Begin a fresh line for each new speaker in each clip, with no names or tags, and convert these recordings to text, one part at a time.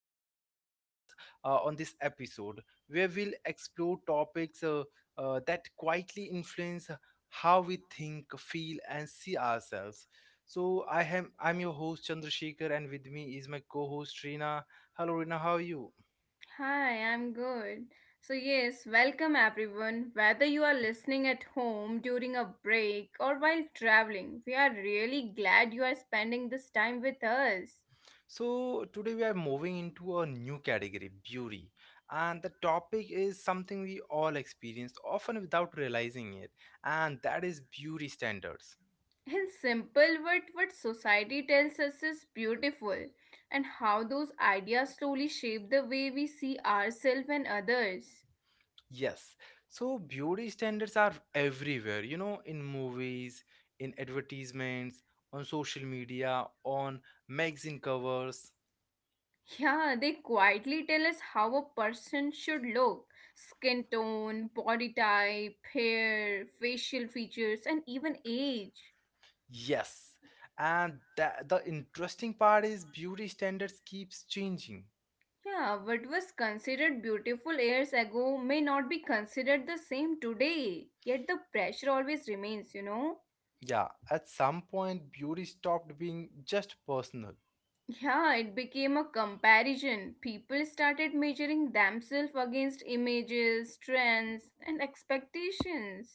you for joining us on this episode, where we'll explore topics that quietly influence how we think, feel, and see ourselves. So I'm your host Chandrasekhar, and with me is my co-host Rina. Hello, Rina. How are you?
Hi, I'm good. So, yes, welcome everyone. Whether you are listening at home during a break or while traveling, we are really glad you are spending this time with us.
So, today we are moving into a new category, beauty. And the topic is something we all experience often without realizing it, and that is beauty standards.
In simple words, what society tells us is beautiful, and how those ideas slowly shape the way we see ourselves and others.
Yes, so beauty standards are everywhere, in movies, in advertisements, on social media, on magazine covers.
Yeah, they quietly tell us how a person should look skin tone, body type, hair, facial features, and even age.
Yes, and the interesting part is beauty standards keeps changing.
Yeah, what was considered beautiful years ago may not be considered the same today, yet the pressure always remains,
Yeah, at some point, beauty stopped being just personal.
Yeah, it became a comparison. People started measuring themselves against images, trends, and expectations.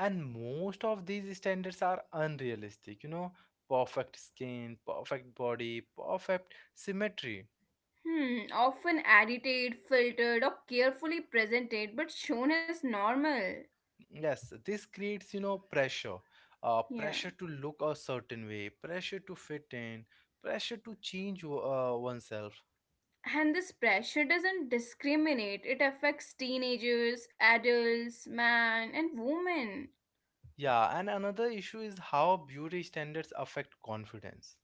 And most of these standards are unrealistic, perfect skin, perfect body, perfect symmetry.
Hmm, often edited, filtered, or carefully presented, but shown as normal.
Yes, this creates, pressure.
Yeah.
Pressure to look a certain way, pressure to fit in, pressure to change oneself.
And this pressure doesn't discriminate, it affects teenagers, adults, men, and women.
Yeah, and another issue is how beauty standards affect confidence.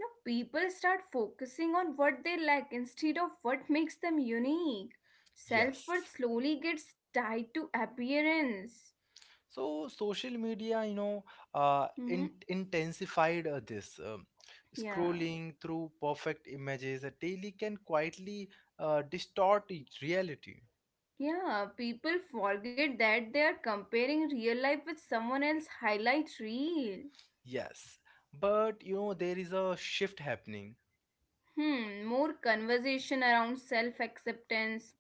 Now, people start focusing on what they lack instead of what makes them unique. Self
Yes.
worth slowly gets tied to appearance.
So social media,
Mm-hmm.
intensified this.
Yeah.
Scrolling through perfect images daily can quietly distort reality.
Yeah, people forget that they are comparing real life with someone else's highlight reel.
Yes, but there is a shift happening.
Hmm, more conversation around self acceptance,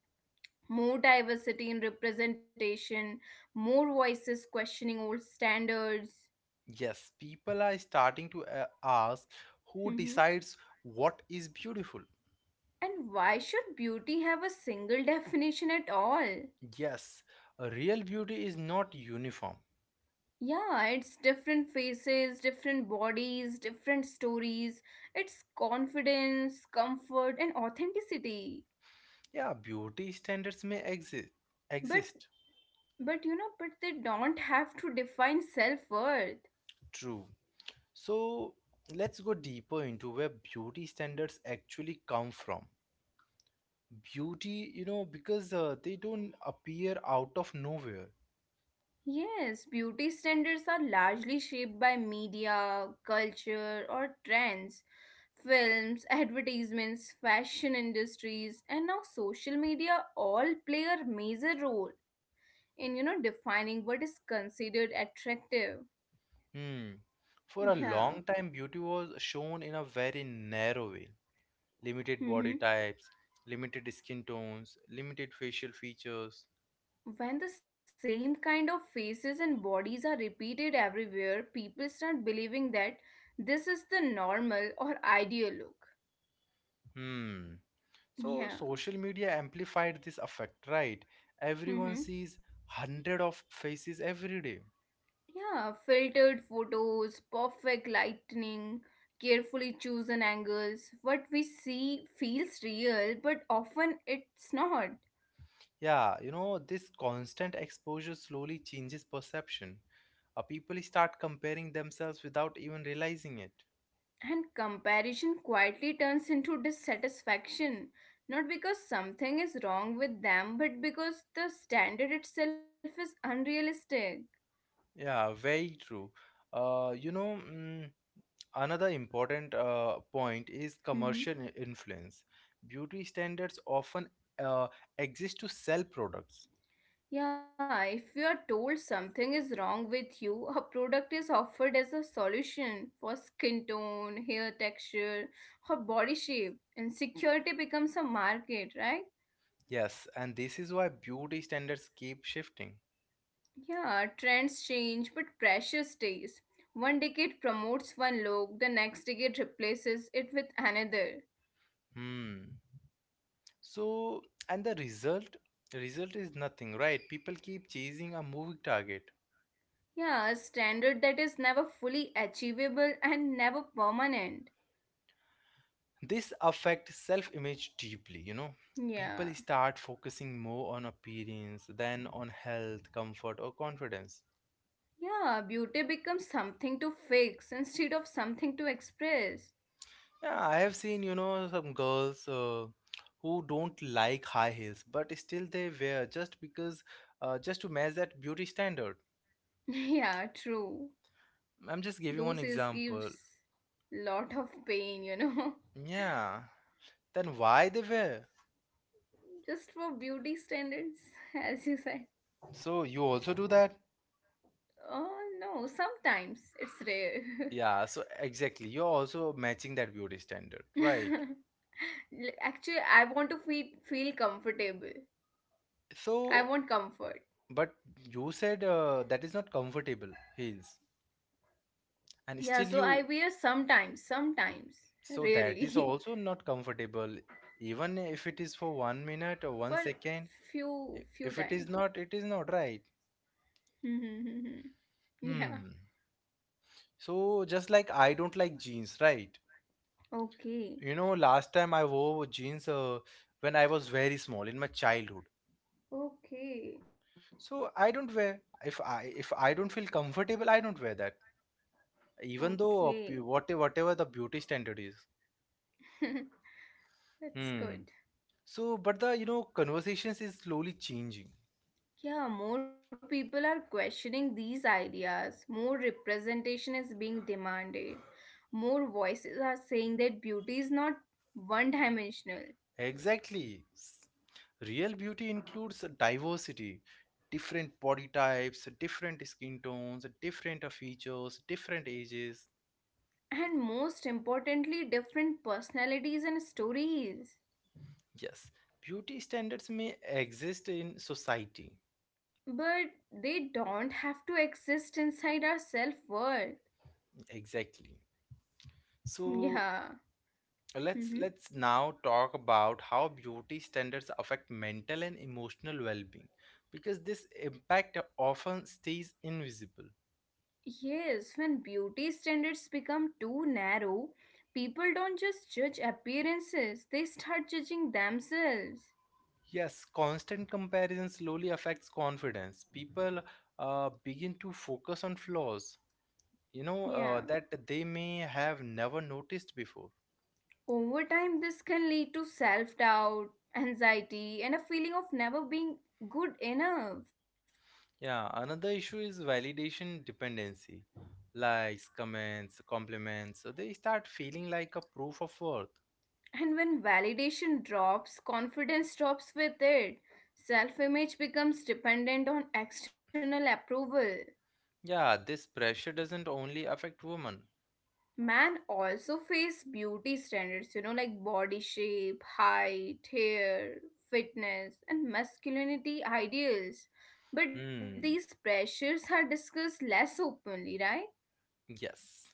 more diversity in representation, more voices questioning old standards.
Yes, people are starting to ask who
Mhm.
decides what is beautiful.
And why should beauty have a single definition at all?
Yes, real beauty is not uniform.
Yeah, it's different faces, different bodies, different stories. It's confidence, comfort, and authenticity.
Yeah, beauty standards may exist.
But but but they don't have to define self worth.
True. So let's go deeper into where beauty standards actually come from. Beauty, because they don't appear out of nowhere.
Yes, beauty standards are largely shaped by media, culture, or trends. Films, advertisements, fashion industries, and now social media all play a major role in defining what is considered attractive.
Hmm. For a
Yeah.
long time, beauty was shown in a very narrow way, limited body
Hmm.
types, limited skin tones, limited facial features.
When the same kind of faces and bodies are repeated everywhere, people start believing that this is the normal or ideal look.
Hmm. So
Yeah.
social media amplified this effect, right? Everyone sees hundred of faces every day.
Yeah, filtered photos, perfect lightning, carefully chosen angles. What we see feels real, but often it's not.
Yeah, this constant exposure slowly changes perception. People start comparing themselves without even realizing it.
And comparison quietly turns into dissatisfaction, not because something is wrong with them, but because the standard itself is unrealistic.
Yeah, very true. Uh, you know, mm, Another important point is commercial influence. Beauty standards often uh, exist to sell products.
Yeah, if you are told something is wrong with you, a product is offered as a solution for skin tone, hair texture, or body shape. Insecurity becomes a market, right?
Yes, and this is why beauty standards keep shifting.
Yeah, trends change, but pressure stays. One decade promotes one look, the next decade replaces it with another.
Hmm. So, and the result is nothing, right? People keep chasing a moving target.
Yeah, a standard that is never fully achievable and never permanent.
This affects self image deeply. People
Yeah.
start focusing more on appearance than on health, comfort, or confidence.
Yeah, beauty becomes something to fix instead of something to express.
Yeah, I have seen, some girls who don't like high heels, but still they wear just because, just to match that beauty standard.
Yeah, true.
I'm just giving one
Those is
example.
gives lot of pain,
Yeah, then why they wear?
Just for beauty standards, as you said.
So you also do that?
Oh no, sometimes it's rare.
Yeah, so exactly. You're also matching that beauty standard, right?
L- Actually, I want to feel comfortable. I
So,
want comfort.
but you said that is not comfortable heels, and
Yeah,
still
so I
you.
wear sometimes, sometimes,
So that is
rarely,
also not comfortable. Even if it is for one minute or one
for
second,
few
if it is
few
not,
time.
it is not right.
Yeah.
Hmm. So just like I don't like jeans, right? You know,
Okay.
last time I wore jeans when I was very small in my childhood.
Okay.
So I don't wear. If I don't feel comfortable, I don't wear that. Even though
Okay.
whatever the beauty standard is.
That's
Hmm.
good.
So, but the conversations is slowly changing.
Yeah, more people are questioning these ideas. More representation is being demanded. More voices are saying that beauty is not one dimensional.
Exactly. Real beauty includes a diversity, different body types, different skin tones, different features, different ages.
And most importantly, different personalities and stories.
Yes, beauty standards may exist in society.
But they don't have to exist inside our self world.
Exactly. So
Yeah.
let's
Mm-hmm.
let's now talk about how beauty standards affect mental and emotional well-being, because this impact often stays invisible.
Yes, when beauty standards become too narrow, people don't just judge appearances, they start judging themselves.
Yes, constant comparison slowly affects confidence. People begin to focus on flaws,
Yeah.
that they may have never noticed before.
Over time, this can lead to self doubt, anxiety, and a feeling of never being good enough.
Yeah, another issue is validation dependency. Likes, comments, compliments, so they start feeling like a proof of worth.
And when validation drops, confidence drops with it. Self image becomes dependent on external approval.
Yeah, this pressure doesn't only affect women.
Man also face beauty standards, like body shape, height, hair, fitness, and masculinity ideals. But these
Hmm,
pressures are discussed less openly, right?
yes.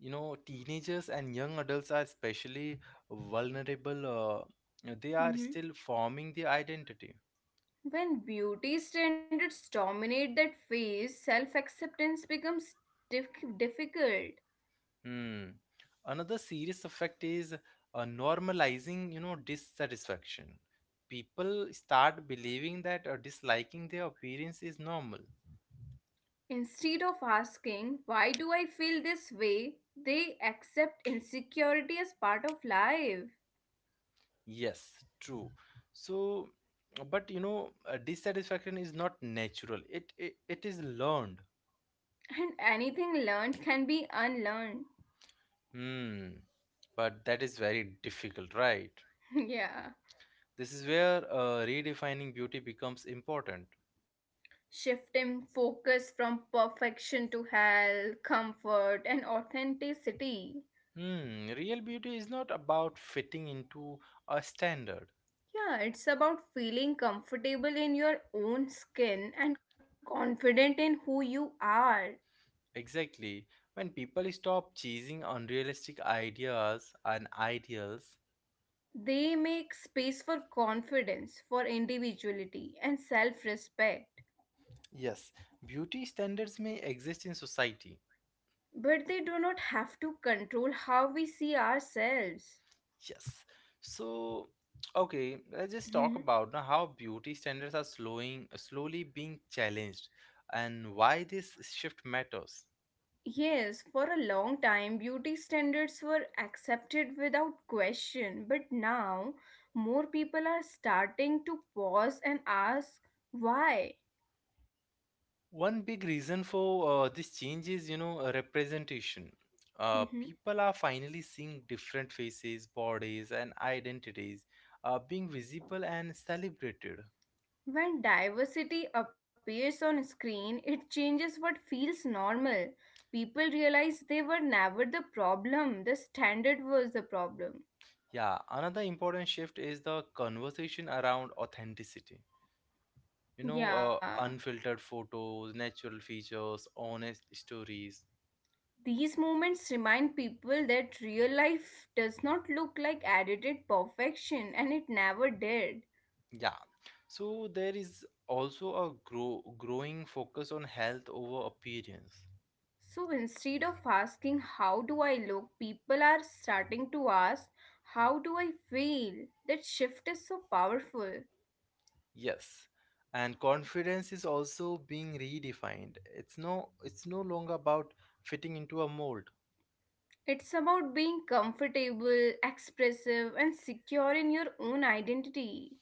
You know, teenagers and young adults are especially vulnerable. They are
Hmm.
still forming their identity.
When beauty standards dominate that phase, self acceptance becomes difficult.
Hmm. Another serious effect is normalizing, dissatisfaction. People start believing that disliking their appearance is normal.
Instead of asking, why do I feel this way? They accept insecurity as part of life.
Yes, true. So, but dissatisfaction is not natural. It is learned.
And anything learned can be unlearned.
Hmm. But that is very difficult, right?
Yeah,
This is where redefining beauty becomes important.
shifting focus from perfection to health, comfort, and authenticity.
Hmm, real beauty is not about fitting into a standard.
Yeah, it's about feeling comfortable in your own skin and confident in who you are.
Exactly. When people stop chasing unrealistic ideas and ideals,
They make space for confidence, for individuality, and self respect.
yes, beauty standards may exist in society.
But they do not have to control how we see ourselves.
Yes. So, okay, let's just talk
Mhm.
about now how beauty standards are slowly being challenged, and why this shift matters.
Yes, for a long time, beauty standards were accepted without question, but now more people are starting to pause and ask why.
One big reason for this change is, representation.
Mhm.
People are finally seeing different faces, bodies, and identities being visible and celebrated.
When diversity appears on screen, it changes what feels normal. People realize they were never the problem, the standard was the problem.
Yeah, another important shift is the conversation around authenticity. You know,
Yeah.
unfiltered photos, natural features, honest stories.
These moments remind people that real life does not look like edited perfection, and it never did.
Yeah, so there is also a growing focus on health over appearance.
So instead of asking, how do I look? People are starting to ask, how do I feel? That shift is so powerful.
Yes. And confidence is also being redefined. It's no longer about fitting into a mold.
It's about being comfortable, expressive, and secure in your own identity.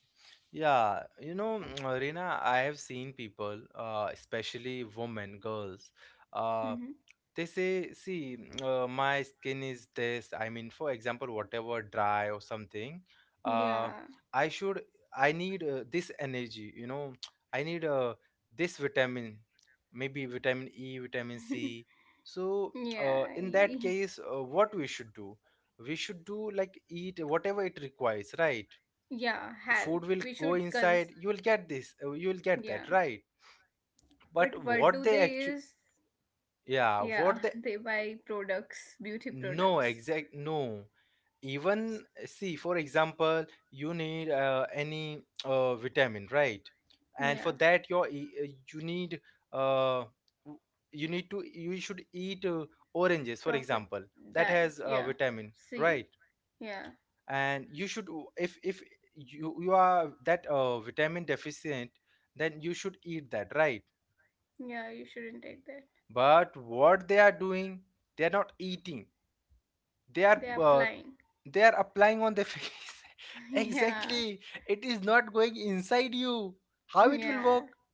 Yeah, Reena, I have seen people, especially women, girls, uh,
Mhm.
they say, see, my skin is this. I mean, for example, whatever dry or something, uh,
Yeah.
I should, I need this energy, I need this vitamin, maybe vitamin E, vitamin C. So,
Yeah.
in that
y-
case, what we should do? We should do like eat whatever it requires, right?
Yeah.
The food will
Health. We
go
should
inside,
cons.
you will get this, you will get that,
Yeah.
right?
But
But
what do they is?
yeah,
Yeah.
what they.
They buy products, beauty
No,
products.
exact no. Even see, for example, you need any vitamin, right? And for
Yeah.
that, your you need uh, w- you need to you should eat oranges, for
Proper
example. That
diet.
has
Yeah.
vitamin, right?
See, yeah,
And you should, if you are that vitamin deficient, then you should eat that, right?
yeah, you shouldn't take that.
But what they are doing, they are not eating, they are
They are
uh,
applying.
they are applying on the face. Exactly,
Yeah,
it is not going inside you, how it will work?
yeah,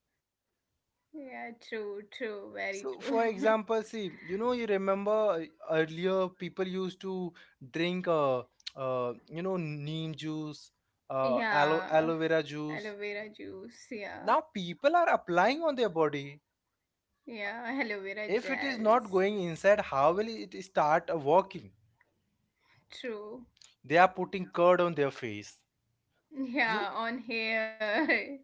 yeah, true, true, very
So,
true.
for example, see, you remember earlier people used to drink neem juice, aloe
Yeah,
vera juice.
aloe vera juice,
Now
yeah,
people are applying on their body.
yeah, aloe vera
If it is not
gels,
going inside, how will it start working?
true.
They are putting curd on their face, you
Yeah, on hair,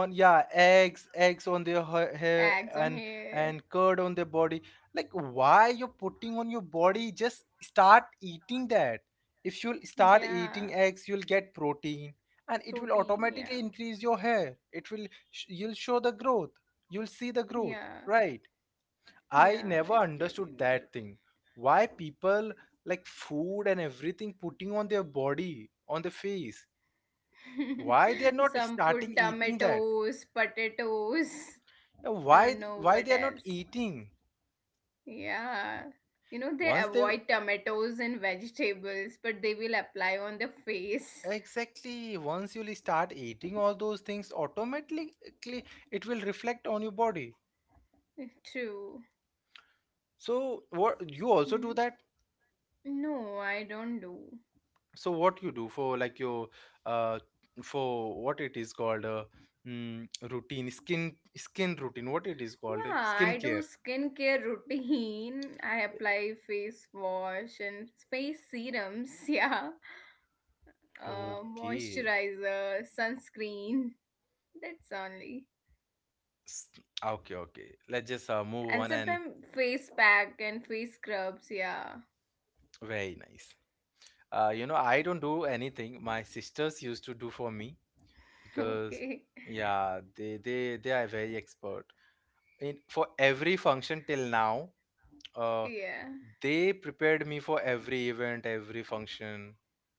on, yeah, eggs on their hair,
eggs on hair,
and curd on their body. Like why you're putting on your body, just start eating that. If you'll start
yeah,
eating eggs, you'll get protein, and it will
protein, yeah,
automatically increase your hair, it will you'll show the growth, you'll see the
yeah,
growth, right? I
yeah, it
never
will.
understood
Include-
that thing, why people, like, food and everything putting on their body, on the face. Why they are not
Some
starting
put
eating that?
tomatoes, potatoes.
Now,
I don't
why
know what
why they are
else.
not eating?
Yeah. They
Once they
avoid tomatoes and vegetables, but they will apply on the face.
Exactly, once you start eating all those things, automatically it will reflect on your body.
True.
So what, you also do
Mhm.
that?
No, I don't do.
So what you do for like your uh for what it is called, routine, skin routine, what it is called,
Yeah, I do
skincare.
skincare routine. I apply face wash and face serums. Yeah.
Okay.
Moisturizer, sunscreen. That's only.
S- Okay, okay. Let's just move
And
on. And
sometimes face pack and face scrubs. Yeah.
very nice. You know, I don't do anything. My sisters used to do for me. Because
Okay.
yeah, they are very expert in for every function till now, uh
Yeah.
they prepared me for every event, every function.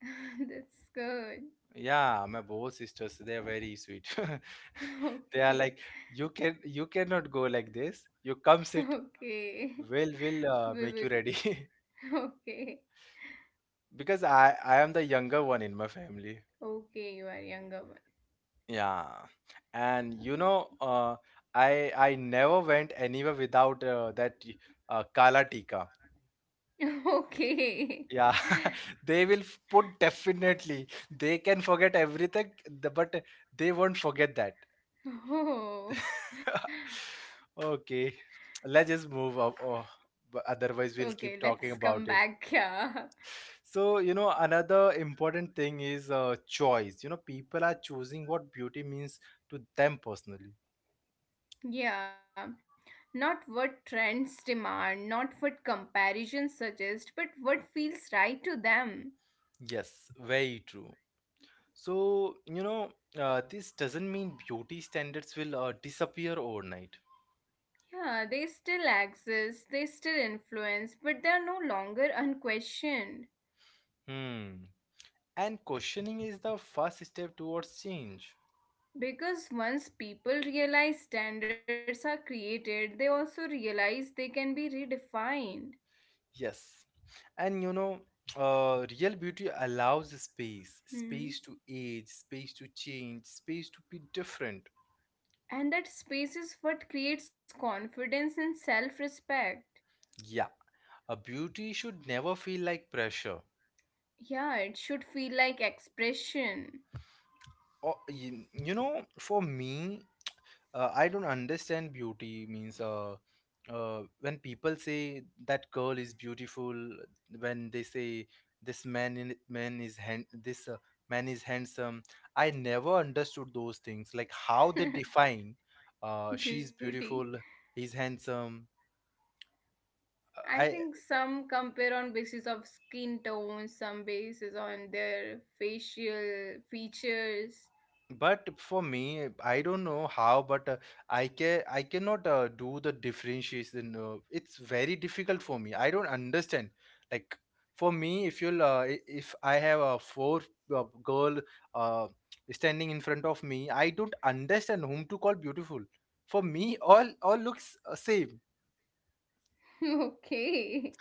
That's good.
Yeah, my both sisters, they are very sweet. They are like,
Okay,
you cannot go like this, you come sit,
okay,
will
we
make you ready.
will. Okay,
Because I am the younger one in my family.
okay, you are younger one.
Yeah, and you know, I never went anywhere without that Kala Tikka.
Okay.
Yeah, they will put definitely. They can forget everything, but they won't forget that.
Oh,
Okay, let's just move up. Oh, but otherwise, we'll keep
okay,
talking
let's come
about it.
back here.
So, you know, another important thing is choice. You know, people are choosing what beauty means to them personally.
Yeah, not what trends demand, not what comparisons suggest, but what feels right to them.
Yes, very true. So, you know, this doesn't mean beauty standards will disappear overnight.
Yeah, they still exist, they still influence, but they are no longer unquestioned.
Hmm. And questioning is the first step towards change.
Because once people realize standards are created, they also realize they can be redefined.
Yes. And you know, real beauty allows space,
Hmm.
space to age, space to change, space to be different.
And that space is what creates confidence and self respect.
Yeah. A beauty should never feel like pressure.
Yeah, it should feel like expression,
Or, for me, I don't understand beauty means when people say that girl is beautiful, when they say this man is hand this man is handsome. I never understood those things like how they define, she's
beauty.
beautiful, he's handsome.
I
I.
think some compare on basis of skin tone, some basis on their facial features.
But for me, I don't know how, but I cannot do the differentiation. It's very difficult for me. I don't understand. Like for me, if I have a four girl uh, standing in front of me, I don't understand whom to call beautiful. For me, all looks same.
Okay,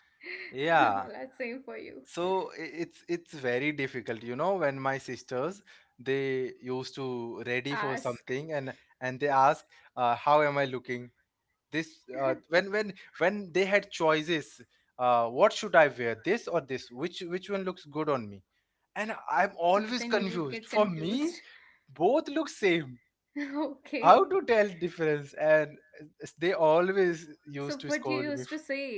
Yeah.
all are same for you.
It's very difficult you know when my sisters they used to ready for
Ask.
something and they ask how am I looking this when when they had choices, what should I wear, this or this, which one looks good on me, and I'm
You,
always
then you would
confused.
get
For me
confused.
both look same. How
Okay.
to tell difference? And they always
So what
used
you
to
used to
scold me.
say?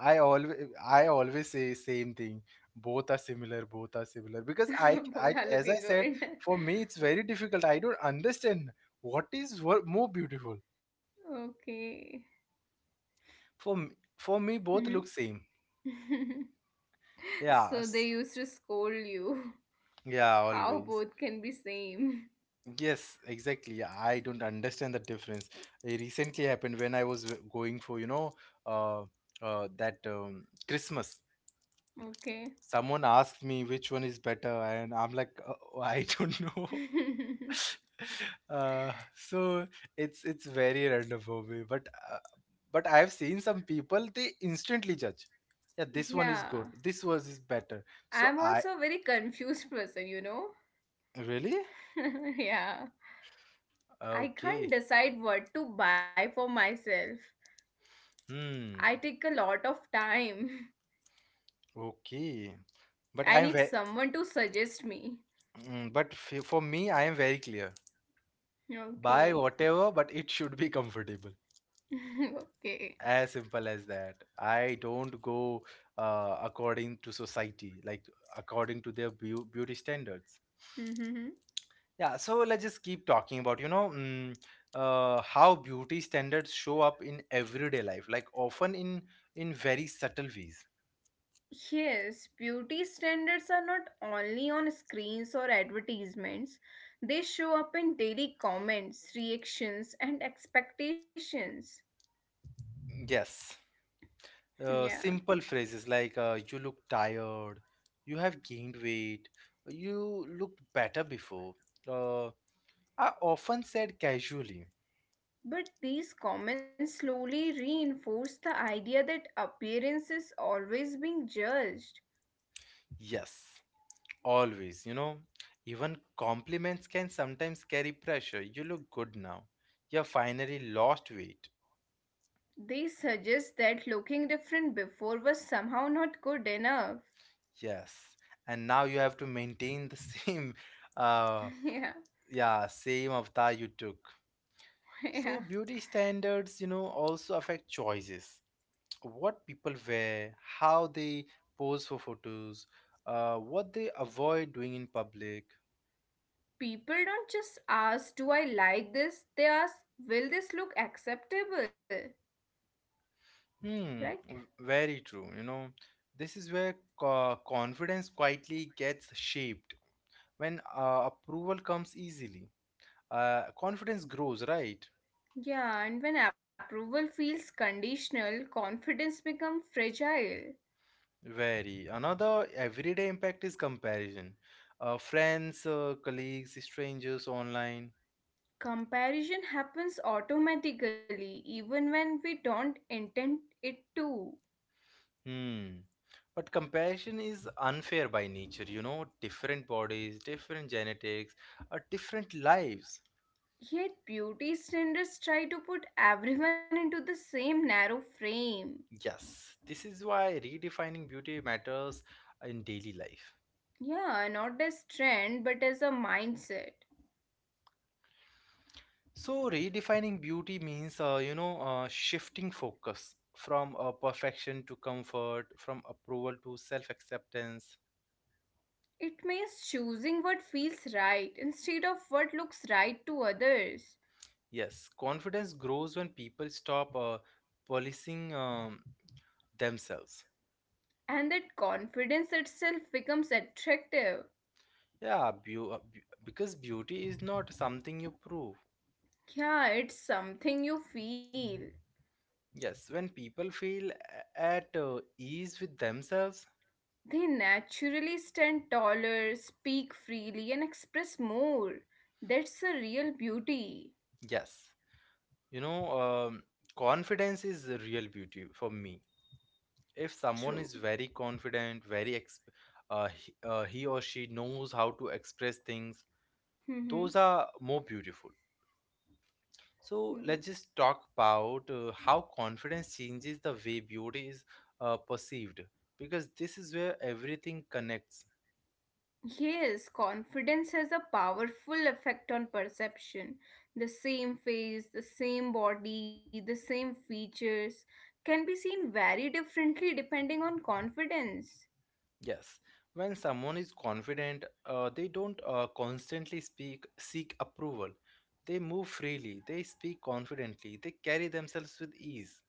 I always I always say same thing. Both are similar, both are similar. Because I, I
Both are
as I
looking
said,
good.
for me it's very difficult. I don't understand what is more beautiful.
Okay.
For me, for me both
Hmm.
look same. Yeah,
So they used to scold you.
yeah,
How
always.
both can be same.
Yes, exactly. I don't understand the difference. It recently happened when I was going for, you know, uh, that Christmas.
Okay.
Someone asked me which one is better, and I'm like, oh, I don't know. So it's very random for me, but I've seen some people, they instantly judge, yeah, this one is good,
Yeah.
this was is better. So
I'm
I
also a very confused person,
really.
Yeah. I
Okay.
can't decide what to buy for myself.
Hmm.
I take a lot of time.
Okay, but
I
I'm
need someone to suggest me.
very, but for me I am very clear. Buy
Okay.
whatever, but it should be comfortable,
Okay.
as simple as that. I don't go according to society, like according to their beauty standards.
Mm-hmm.
Yeah, so let's just keep talking about, you know, how beauty standards show up in everyday life, like often in very subtle ways.
Yes, beauty standards are not only on screens or advertisements. They show up in daily comments, reactions, and expectations.
Yes,
Yeah.
simple phrases like "you look tired," "you have gained weight," "you looked better before" uh, are often said casually.
But these comments slowly reinforce the idea that appearance is always being judged.
Yes, always, you know, even compliments can sometimes carry pressure. You look good now. You have finally lost weight.
They suggest that looking different before was somehow not good enough.
Yes, and now you have to maintain the same, uh,
Yeah,
yeah, same avatar you took.
yeah.
So beauty standards, you know, also affect choices. What people wear, how they pose for photos, what they avoid doing in public.
People don't just ask, do I like this? They ask, will this look acceptable? Right?
Hmm, very true. You know, this is where confidence quietly gets shaped when approval comes easily. Confidence grows, right?
Yeah, and when approval feels conditional, confidence becomes fragile.
Very. Another everyday impact is comparison. Friends, colleagues, strangers online.
Comparison happens automatically, even when we don't intend it to.
Hmm. But comparison is unfair by nature, you know, different bodies, different genetics, different lives.
Yet, beauty standards try to put everyone into the same narrow frame.
Yes, this is why redefining beauty matters in daily life.
Yeah, not as trend, but as a mindset.
So, redefining beauty means, you know, shifting focus from perfection to comfort, from approval to self acceptance.
It means choosing what feels right instead of what looks right to others.
Yes, confidence grows when people stop policing themselves.
And that confidence itself becomes attractive.
Yeah, because beauty is not something you prove.
Yeah, it's something you feel.
Yes, when people feel at ease with themselves,
They naturally stand taller, speak freely, and express more. That's a real beauty.
yes. You know, confidence is the real beauty for me. If
True.
someone is very confident, very he or she knows how to express things, those are more beautiful. So let's just talk about how confidence changes the way beauty is perceived, because this is where everything connects.
Yes, confidence has a powerful effect on perception. The same face, the same body, the same features can be seen very differently depending on confidence.
Yes, when someone is confident, they don't constantly speak seek approval. They move freely, they speak confidently, they carry themselves with ease.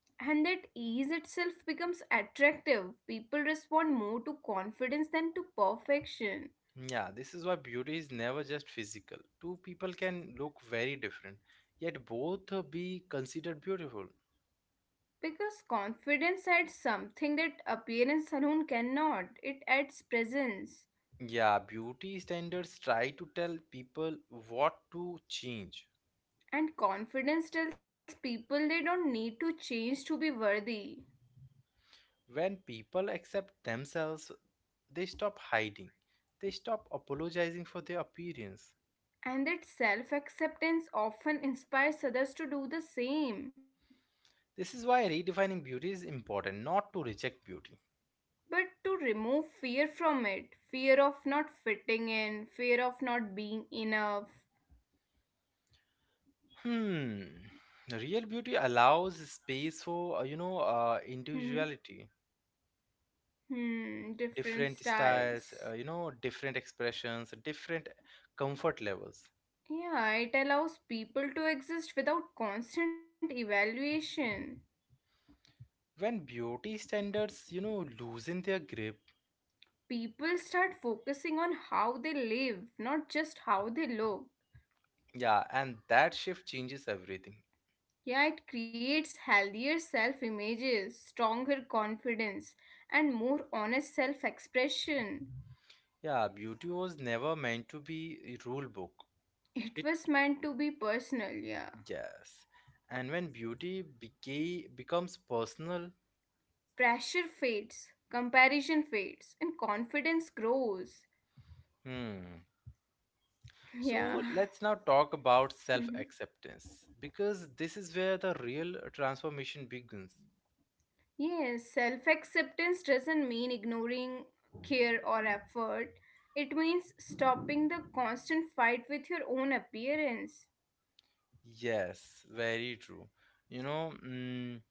And that ease itself becomes attractive. People respond more to confidence than to perfection.
Yeah, this is why beauty is never just physical. Two people can look very different, yet both be considered beautiful.
Because confidence adds something that appearance alone cannot, it adds presence.
Yeah, beauty standards try to tell people what to change.
And confidence tells people they don't need to change to be worthy.
When people accept themselves, they stop hiding, they stop apologizing for their appearance.
And that self acceptance often inspires others to do the same.
This is why redefining beauty is important, not to reject beauty.
But to remove fear from it, fear of not fitting in, fear of not being enough.
Hmm, real beauty allows space for you know,
Hmm,
individuality,
hmm, different
different styles,
styles.
you know, different expressions, different comfort levels.
Yeah, it allows people to exist without constant evaluation.
When beauty standards, you know, loosen their grip.
People start focusing on how they live, not just how they look.
Yeah, and that shift changes everything.
Yeah, it creates healthier self images, stronger confidence, and more honest self expression.
Yeah, beauty was never meant to be a rule book.
It
It
was meant to be personal, yeah.
yes. And when beauty becomes personal,
Pressure fades, comparison fades, and confidence grows.
hmm.
Yeah.
So let's now talk about
Mhm.
self-acceptance, because this is where the real transformation begins.
Yes, self acceptance doesn't mean ignoring care or effort, it means stopping the constant fight with your own appearance.
Yes, very true. You know, mm,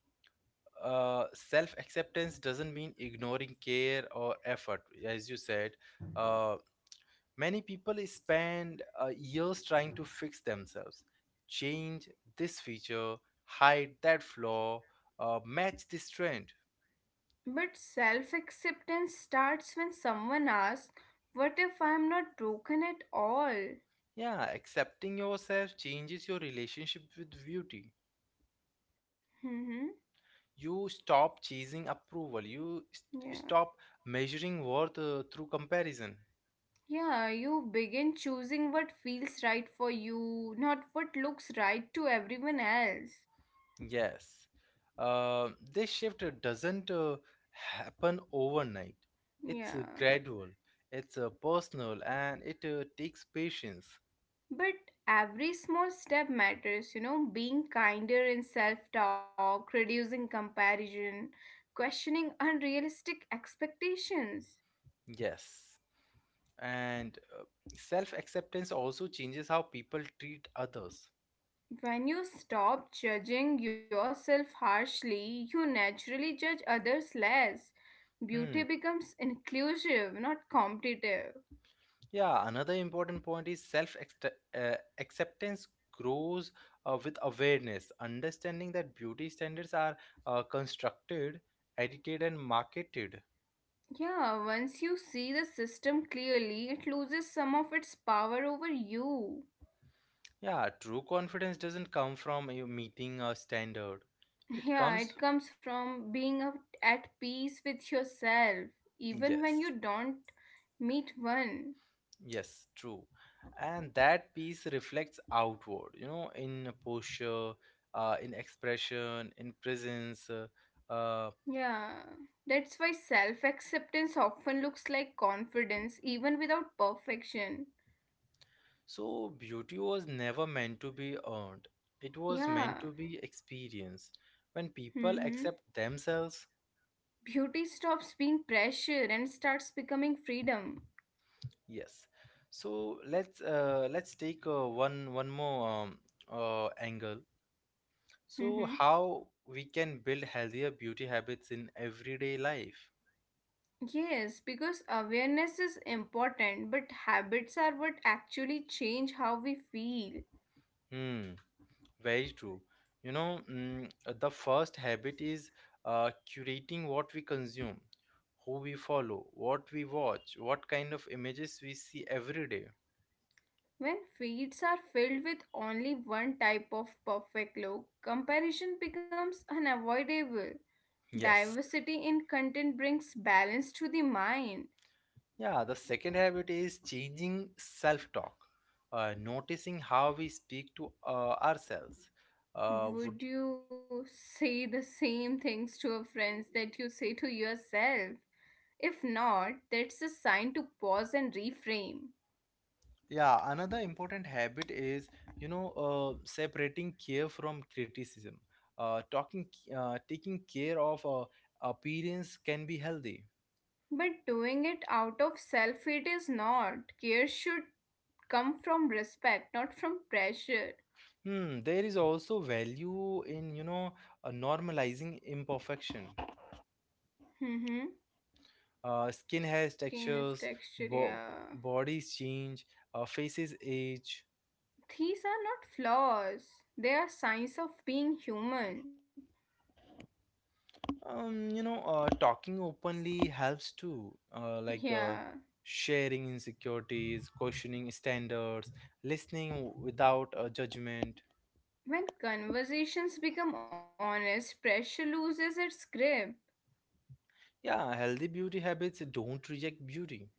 uh, self-acceptance doesn't mean ignoring care or effort, as you said. Uh, Many people spend years trying to fix themselves, change this feature, hide that flaw, match this trend.
But self acceptance starts when someone asks, what if I'm not broken at all?
Yeah, accepting yourself changes your relationship with beauty.
Hmm.
You stop chasing approval, you
Yeah.
stop measuring worth through comparison.
Yeah, you begin choosing what feels right for you, not what looks right to everyone else.
Yes, uh, this shift doesn't happen overnight, it's
Yeah.
gradual, it's personal, and it takes patience.
But every small step matters, being kinder in self talk, reducing comparison, questioning unrealistic expectations.
Yes. And self acceptance also changes how people treat others.
When you stop judging yourself harshly, you naturally judge others less. Beauty
Hmm.
becomes inclusive, not competitive.
Yeah, another important point is self acceptance grows with awareness, understanding that beauty standards are constructed, edited, and marketed.
Yeah, once you see the system clearly, it loses some of its power over you.
Yeah, true confidence doesn't come from you meeting a standard, it
Yeah, it
comes,
comes from being at peace with yourself, even when you
yes.
don't meet one.
Yes, true. And that piece reflects outward, you know, in posture, in expression, in presence. Uh,
Yeah, that's why self acceptance often looks like confidence, even without perfection.
so, beauty was never meant to be earned, it was meant
Yeah.
to be experienced. When
Mm-hmm.
people accept themselves,
Beauty stops being pressure and starts becoming freedom.
yes. So let's take one more angle. So
Mm-hmm.
how we can build healthier beauty habits in everyday life?
Yes, because awareness is important, but habits are what actually change how we feel.
Hmm. Very true. You know, the first habit is curating what we consume, who we follow, what we watch, what kind of images we see every day.
When feeds are filled with only one type of perfect look, comparison becomes unavoidable.
Yes.
Diversity in content brings balance to the mind.
Yeah, the second habit is changing self talk, noticing how we speak to ourselves. Would.
Would you say the same things to your friends that you say to yourself? If not, that's a sign to pause and reframe.
Yeah, another important habit is, you know, separating care from criticism. Uh, talking, taking care of appearance can be healthy.
But doing it out of self hate is not. Care should come from respect, not from pressure.
Hmm, there is also value in, you know, normalizing imperfection.
Mm-hmm.
Skin has
Skin is
textures,
texture,
bo-
yeah.
bodies change, faces age.
These are not flaws, they are signs of being human.
You know, talking openly helps too.
Yeah.
Sharing insecurities, questioning standards, listening without a judgment.
When conversations become honest, pressure loses its grip.
Yeah, healthy beauty habits don't reject beauty.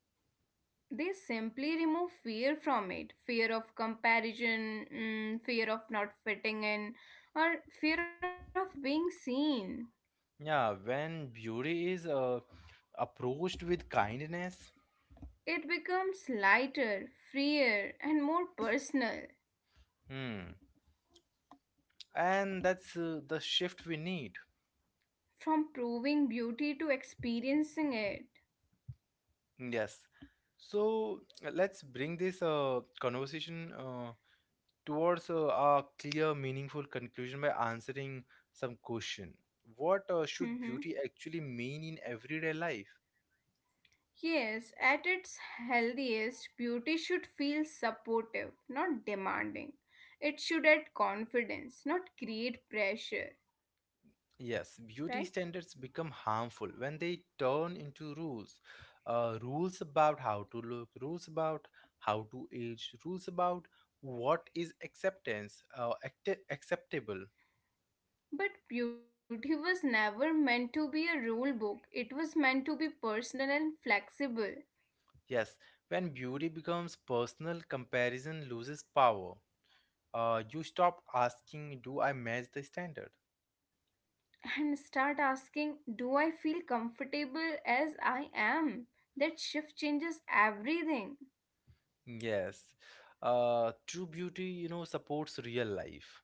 They simply remove fear from it, fear of comparison, fear of not fitting in, or fear of being seen.
Yeah, when beauty is approached with kindness,
It becomes lighter, freer, and more personal,
hmm, and that's the shift we need.
from proving beauty to experiencing it.
Yes. So let's bring this conversation towards a clear, meaningful conclusion by answering some question. What should
Mhm.
beauty actually mean in everyday life?
Yes, at its healthiest, beauty should feel supportive, not demanding. It should add confidence, not create pressure.
Yes,
Right.
beauty standards become harmful when they turn into rules. Rules about how to look, rules about how to age, rules about what is acceptance, acceptable.
But beauty was never meant to be a rule book. It was meant to be personal and flexible.
Yes, when beauty becomes personal, comparison loses power. You stop asking, Do I match the standard?
And start asking, do I feel comfortable as I am? That shift changes everything.
Yes. True beauty, you know, supports real life.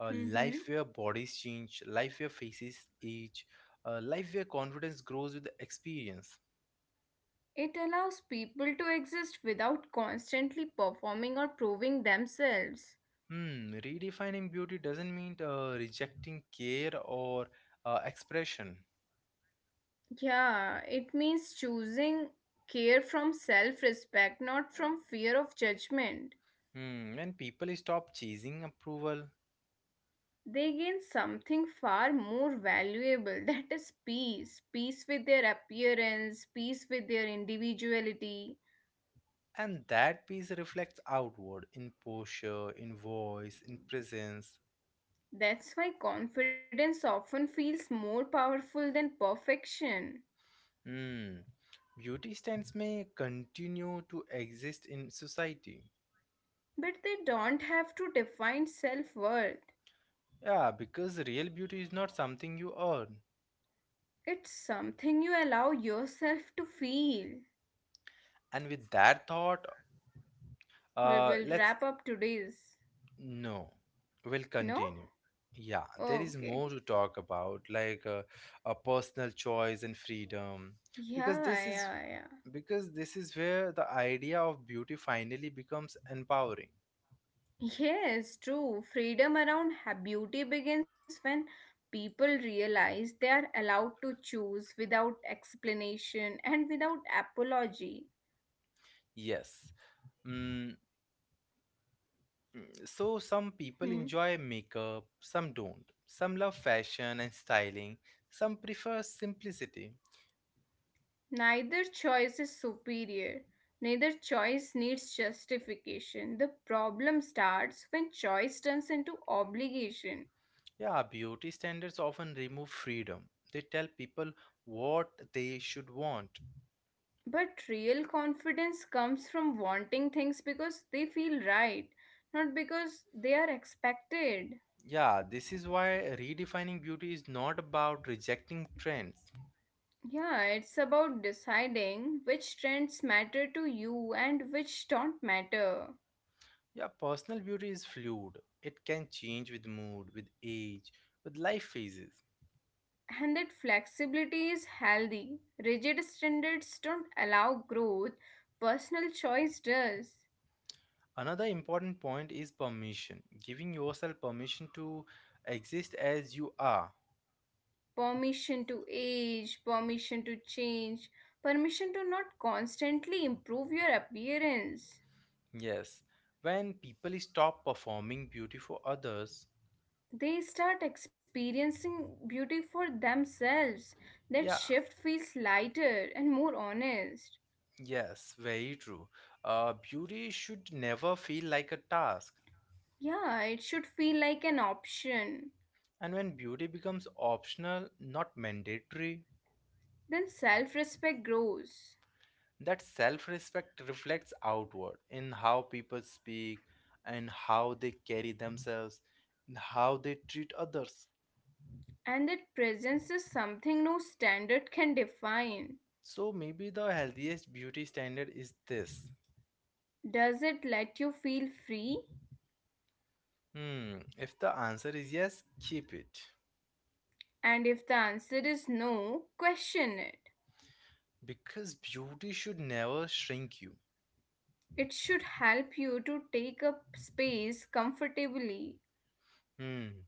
A life
Mhm.
where bodies change, life where faces age, a life where confidence grows with experience.
It allows people to exist without constantly performing or proving themselves.
Hmm, redefining beauty doesn't mean rejecting care or expression.
Yeah, it means choosing care from self respect, not from fear of judgment.
Hmm, when people stop chasing approval,
They gain something far more valuable that is peace, peace with their appearance, peace with their individuality.
and that piece reflects outward in posture, in voice, in presence.
That's why confidence often feels more powerful than perfection.
Hmm. Beauty stands may continue to exist in society.
But they don't have to define self-worth.
Yeah, because real beauty is not something you earn.
It's something you allow yourself to feel.
And with that thought,
We will
let's
wrap up today's.
no, we'll
No.
continue. Yeah, there is
Okay.
more to talk about, like a personal choice and freedom,
Yeah,
because this is
yeah, yeah.
because this is where the idea of beauty finally becomes empowering.
Yes, true. Freedom around beauty begins when people realize they are allowed to choose without explanation and without apology.
Yes. Mm, So some people
Hmm.
enjoy makeup, some don't. Some love fashion and styling, some prefer simplicity.
Neither choice is superior. Neither choice needs justification. The problem starts when choice turns into obligation.
Yeah, beauty standards often remove freedom. They tell people what they should want.
But real confidence comes from wanting things because they feel right, not because they are expected.
Yeah, this is why redefining beauty is not about rejecting trends.
Yeah, it's about deciding which trends matter to you and which don't matter.
Yeah, personal beauty is fluid. It can change with mood, with age, with life phases.
And that flexibility is healthy. Rigid standards don't allow growth, personal choice does.
Another important point is permission. Giving yourself permission to exist as you are.
Permission to age, permission to change, permission to not constantly improve your appearance.
Yes, when people stop performing beauty for others,
They start experiencing beauty for themselves. That
yeah,
shift feels lighter and more honest.
yes, very true. Beauty should never feel like a task.
Yeah, it should feel like an option.
And when beauty becomes optional, not mandatory,
Then self respect grows.
that self respect reflects outward in how people speak, and how they carry themselves, and how they treat others.
And that presence is something no standard can define.
So maybe the healthiest beauty standard is this.
Does it let you feel free?
Hmm, if the answer is yes, keep it.
And if the answer is no, question it.
Because beauty should never shrink you.
It should help you to take up space comfortably.
Hmm.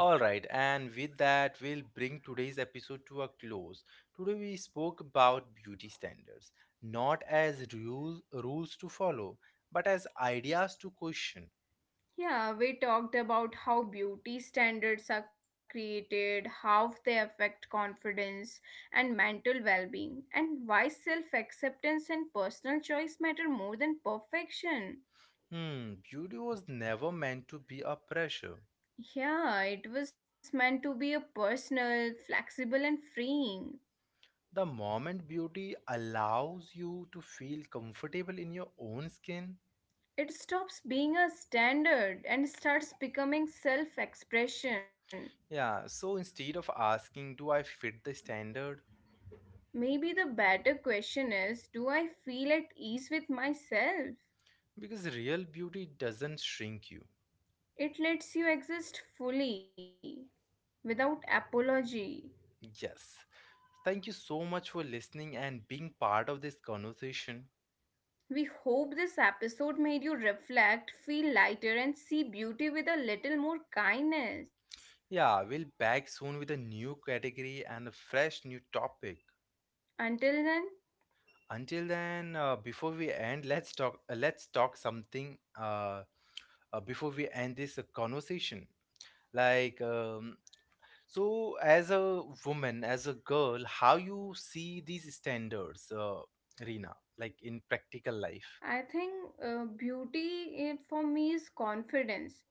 All right, and with that, we'll bring today's episode to a close. Today, we spoke about beauty standards, not as rules to follow, but as ideas to question.
Yeah, we talked about how beauty standards are created, how they affect confidence and mental well being, and why self acceptance and personal choice matter more than perfection.
Hmm, beauty was never meant to be a pressure.
Yeah, it was meant to be a personal, flexible, and freeing.
The moment beauty allows you to feel comfortable in your own skin,
It stops being a standard and starts becoming self expression.
yeah, so instead of asking, do I fit the standard?
Maybe the better question is, do I feel at ease with myself?
Because real beauty doesn't shrink you.
It lets you exist fully, without apology.
Yes. Thank you so much for listening and being part of this conversation.
We hope this episode made you reflect, feel lighter, and see beauty with a little more kindness.
Yeah, we'll back soon with a new category and a fresh new topic.
Until then,
Until then, before we end, let's talk. Let's talk something. Before we end this conversation, like so, as a woman, as a girl, how you see these standards, Rina, like in practical life?
I think beauty for me is confidence.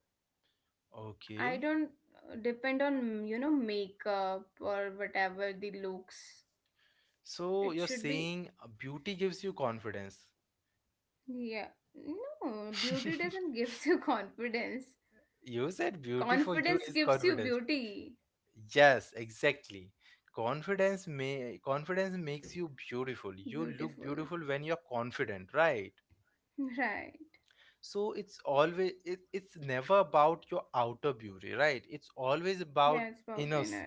I
Okay.
don't depend on, you know, makeup or whatever the looks.
So
It
you're
should be,
saying beauty gives you confidence.
yeah. No, beauty doesn't gives you confidence.
You said beauty for you
Confidence
is
gives you
confidence.
beauty.
Yes, exactly. Confidence makes you beautiful. You look
Beautiful.
beautiful when you're confident, right?
Right.
So it's always it's never about your outer beauty, right? It's always
Yes,
about
about
inner
dinner.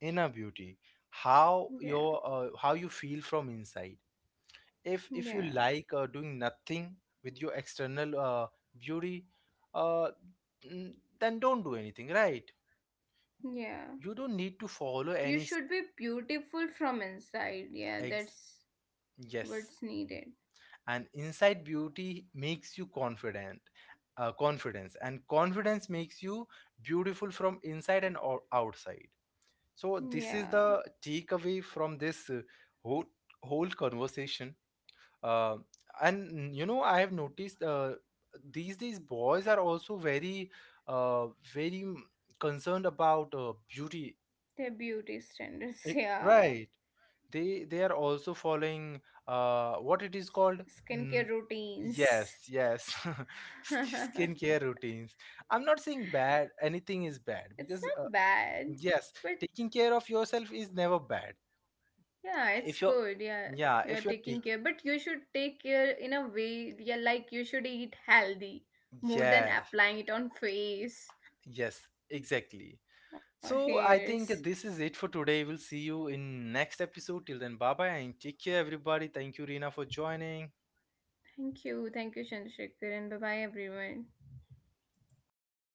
inner beauty. How
Yeah.
your how you feel from inside. If you
Yeah.
like doing nothing with your external beauty, uh, mm, then don't do anything, right?
Yeah.
You don't need to follow
You
any s-
should be beautiful from inside. Yeah,
ex
that's
yes,
what's needed.
and inside beauty makes you confident, confidence makes you beautiful from inside and outside. So this is
Yeah.
the takeaway from this whole whole conversation. Uh, and you know, I have noticed these days boys are also very, uh, very mm, concerned about beauty.
Their beauty standards.
Eh,
Yeah.
Right. They are also following what it is called.
Skincare
Mm,
routines.
yes, yes.
It's
Skincare routines. I'm not saying bad. Anything is bad because
not bad,
yes,
but
taking care of yourself is never bad.
yeah, it's
If you're,
good. Yeah.
yeah,
You are
if you're
taking
taking,
care, but you should take care in a way, yeah, like you should eat healthy more than
yes,
applying it on face
yes, exactly.
or
So I
hairs.
think this is it for today. We'll see you in next episode. Till then, bye bye and take care, everybody. Thank you, Rina, for joining.
Thank you. Thank you, Chandrasekar, and bye bye, everyone.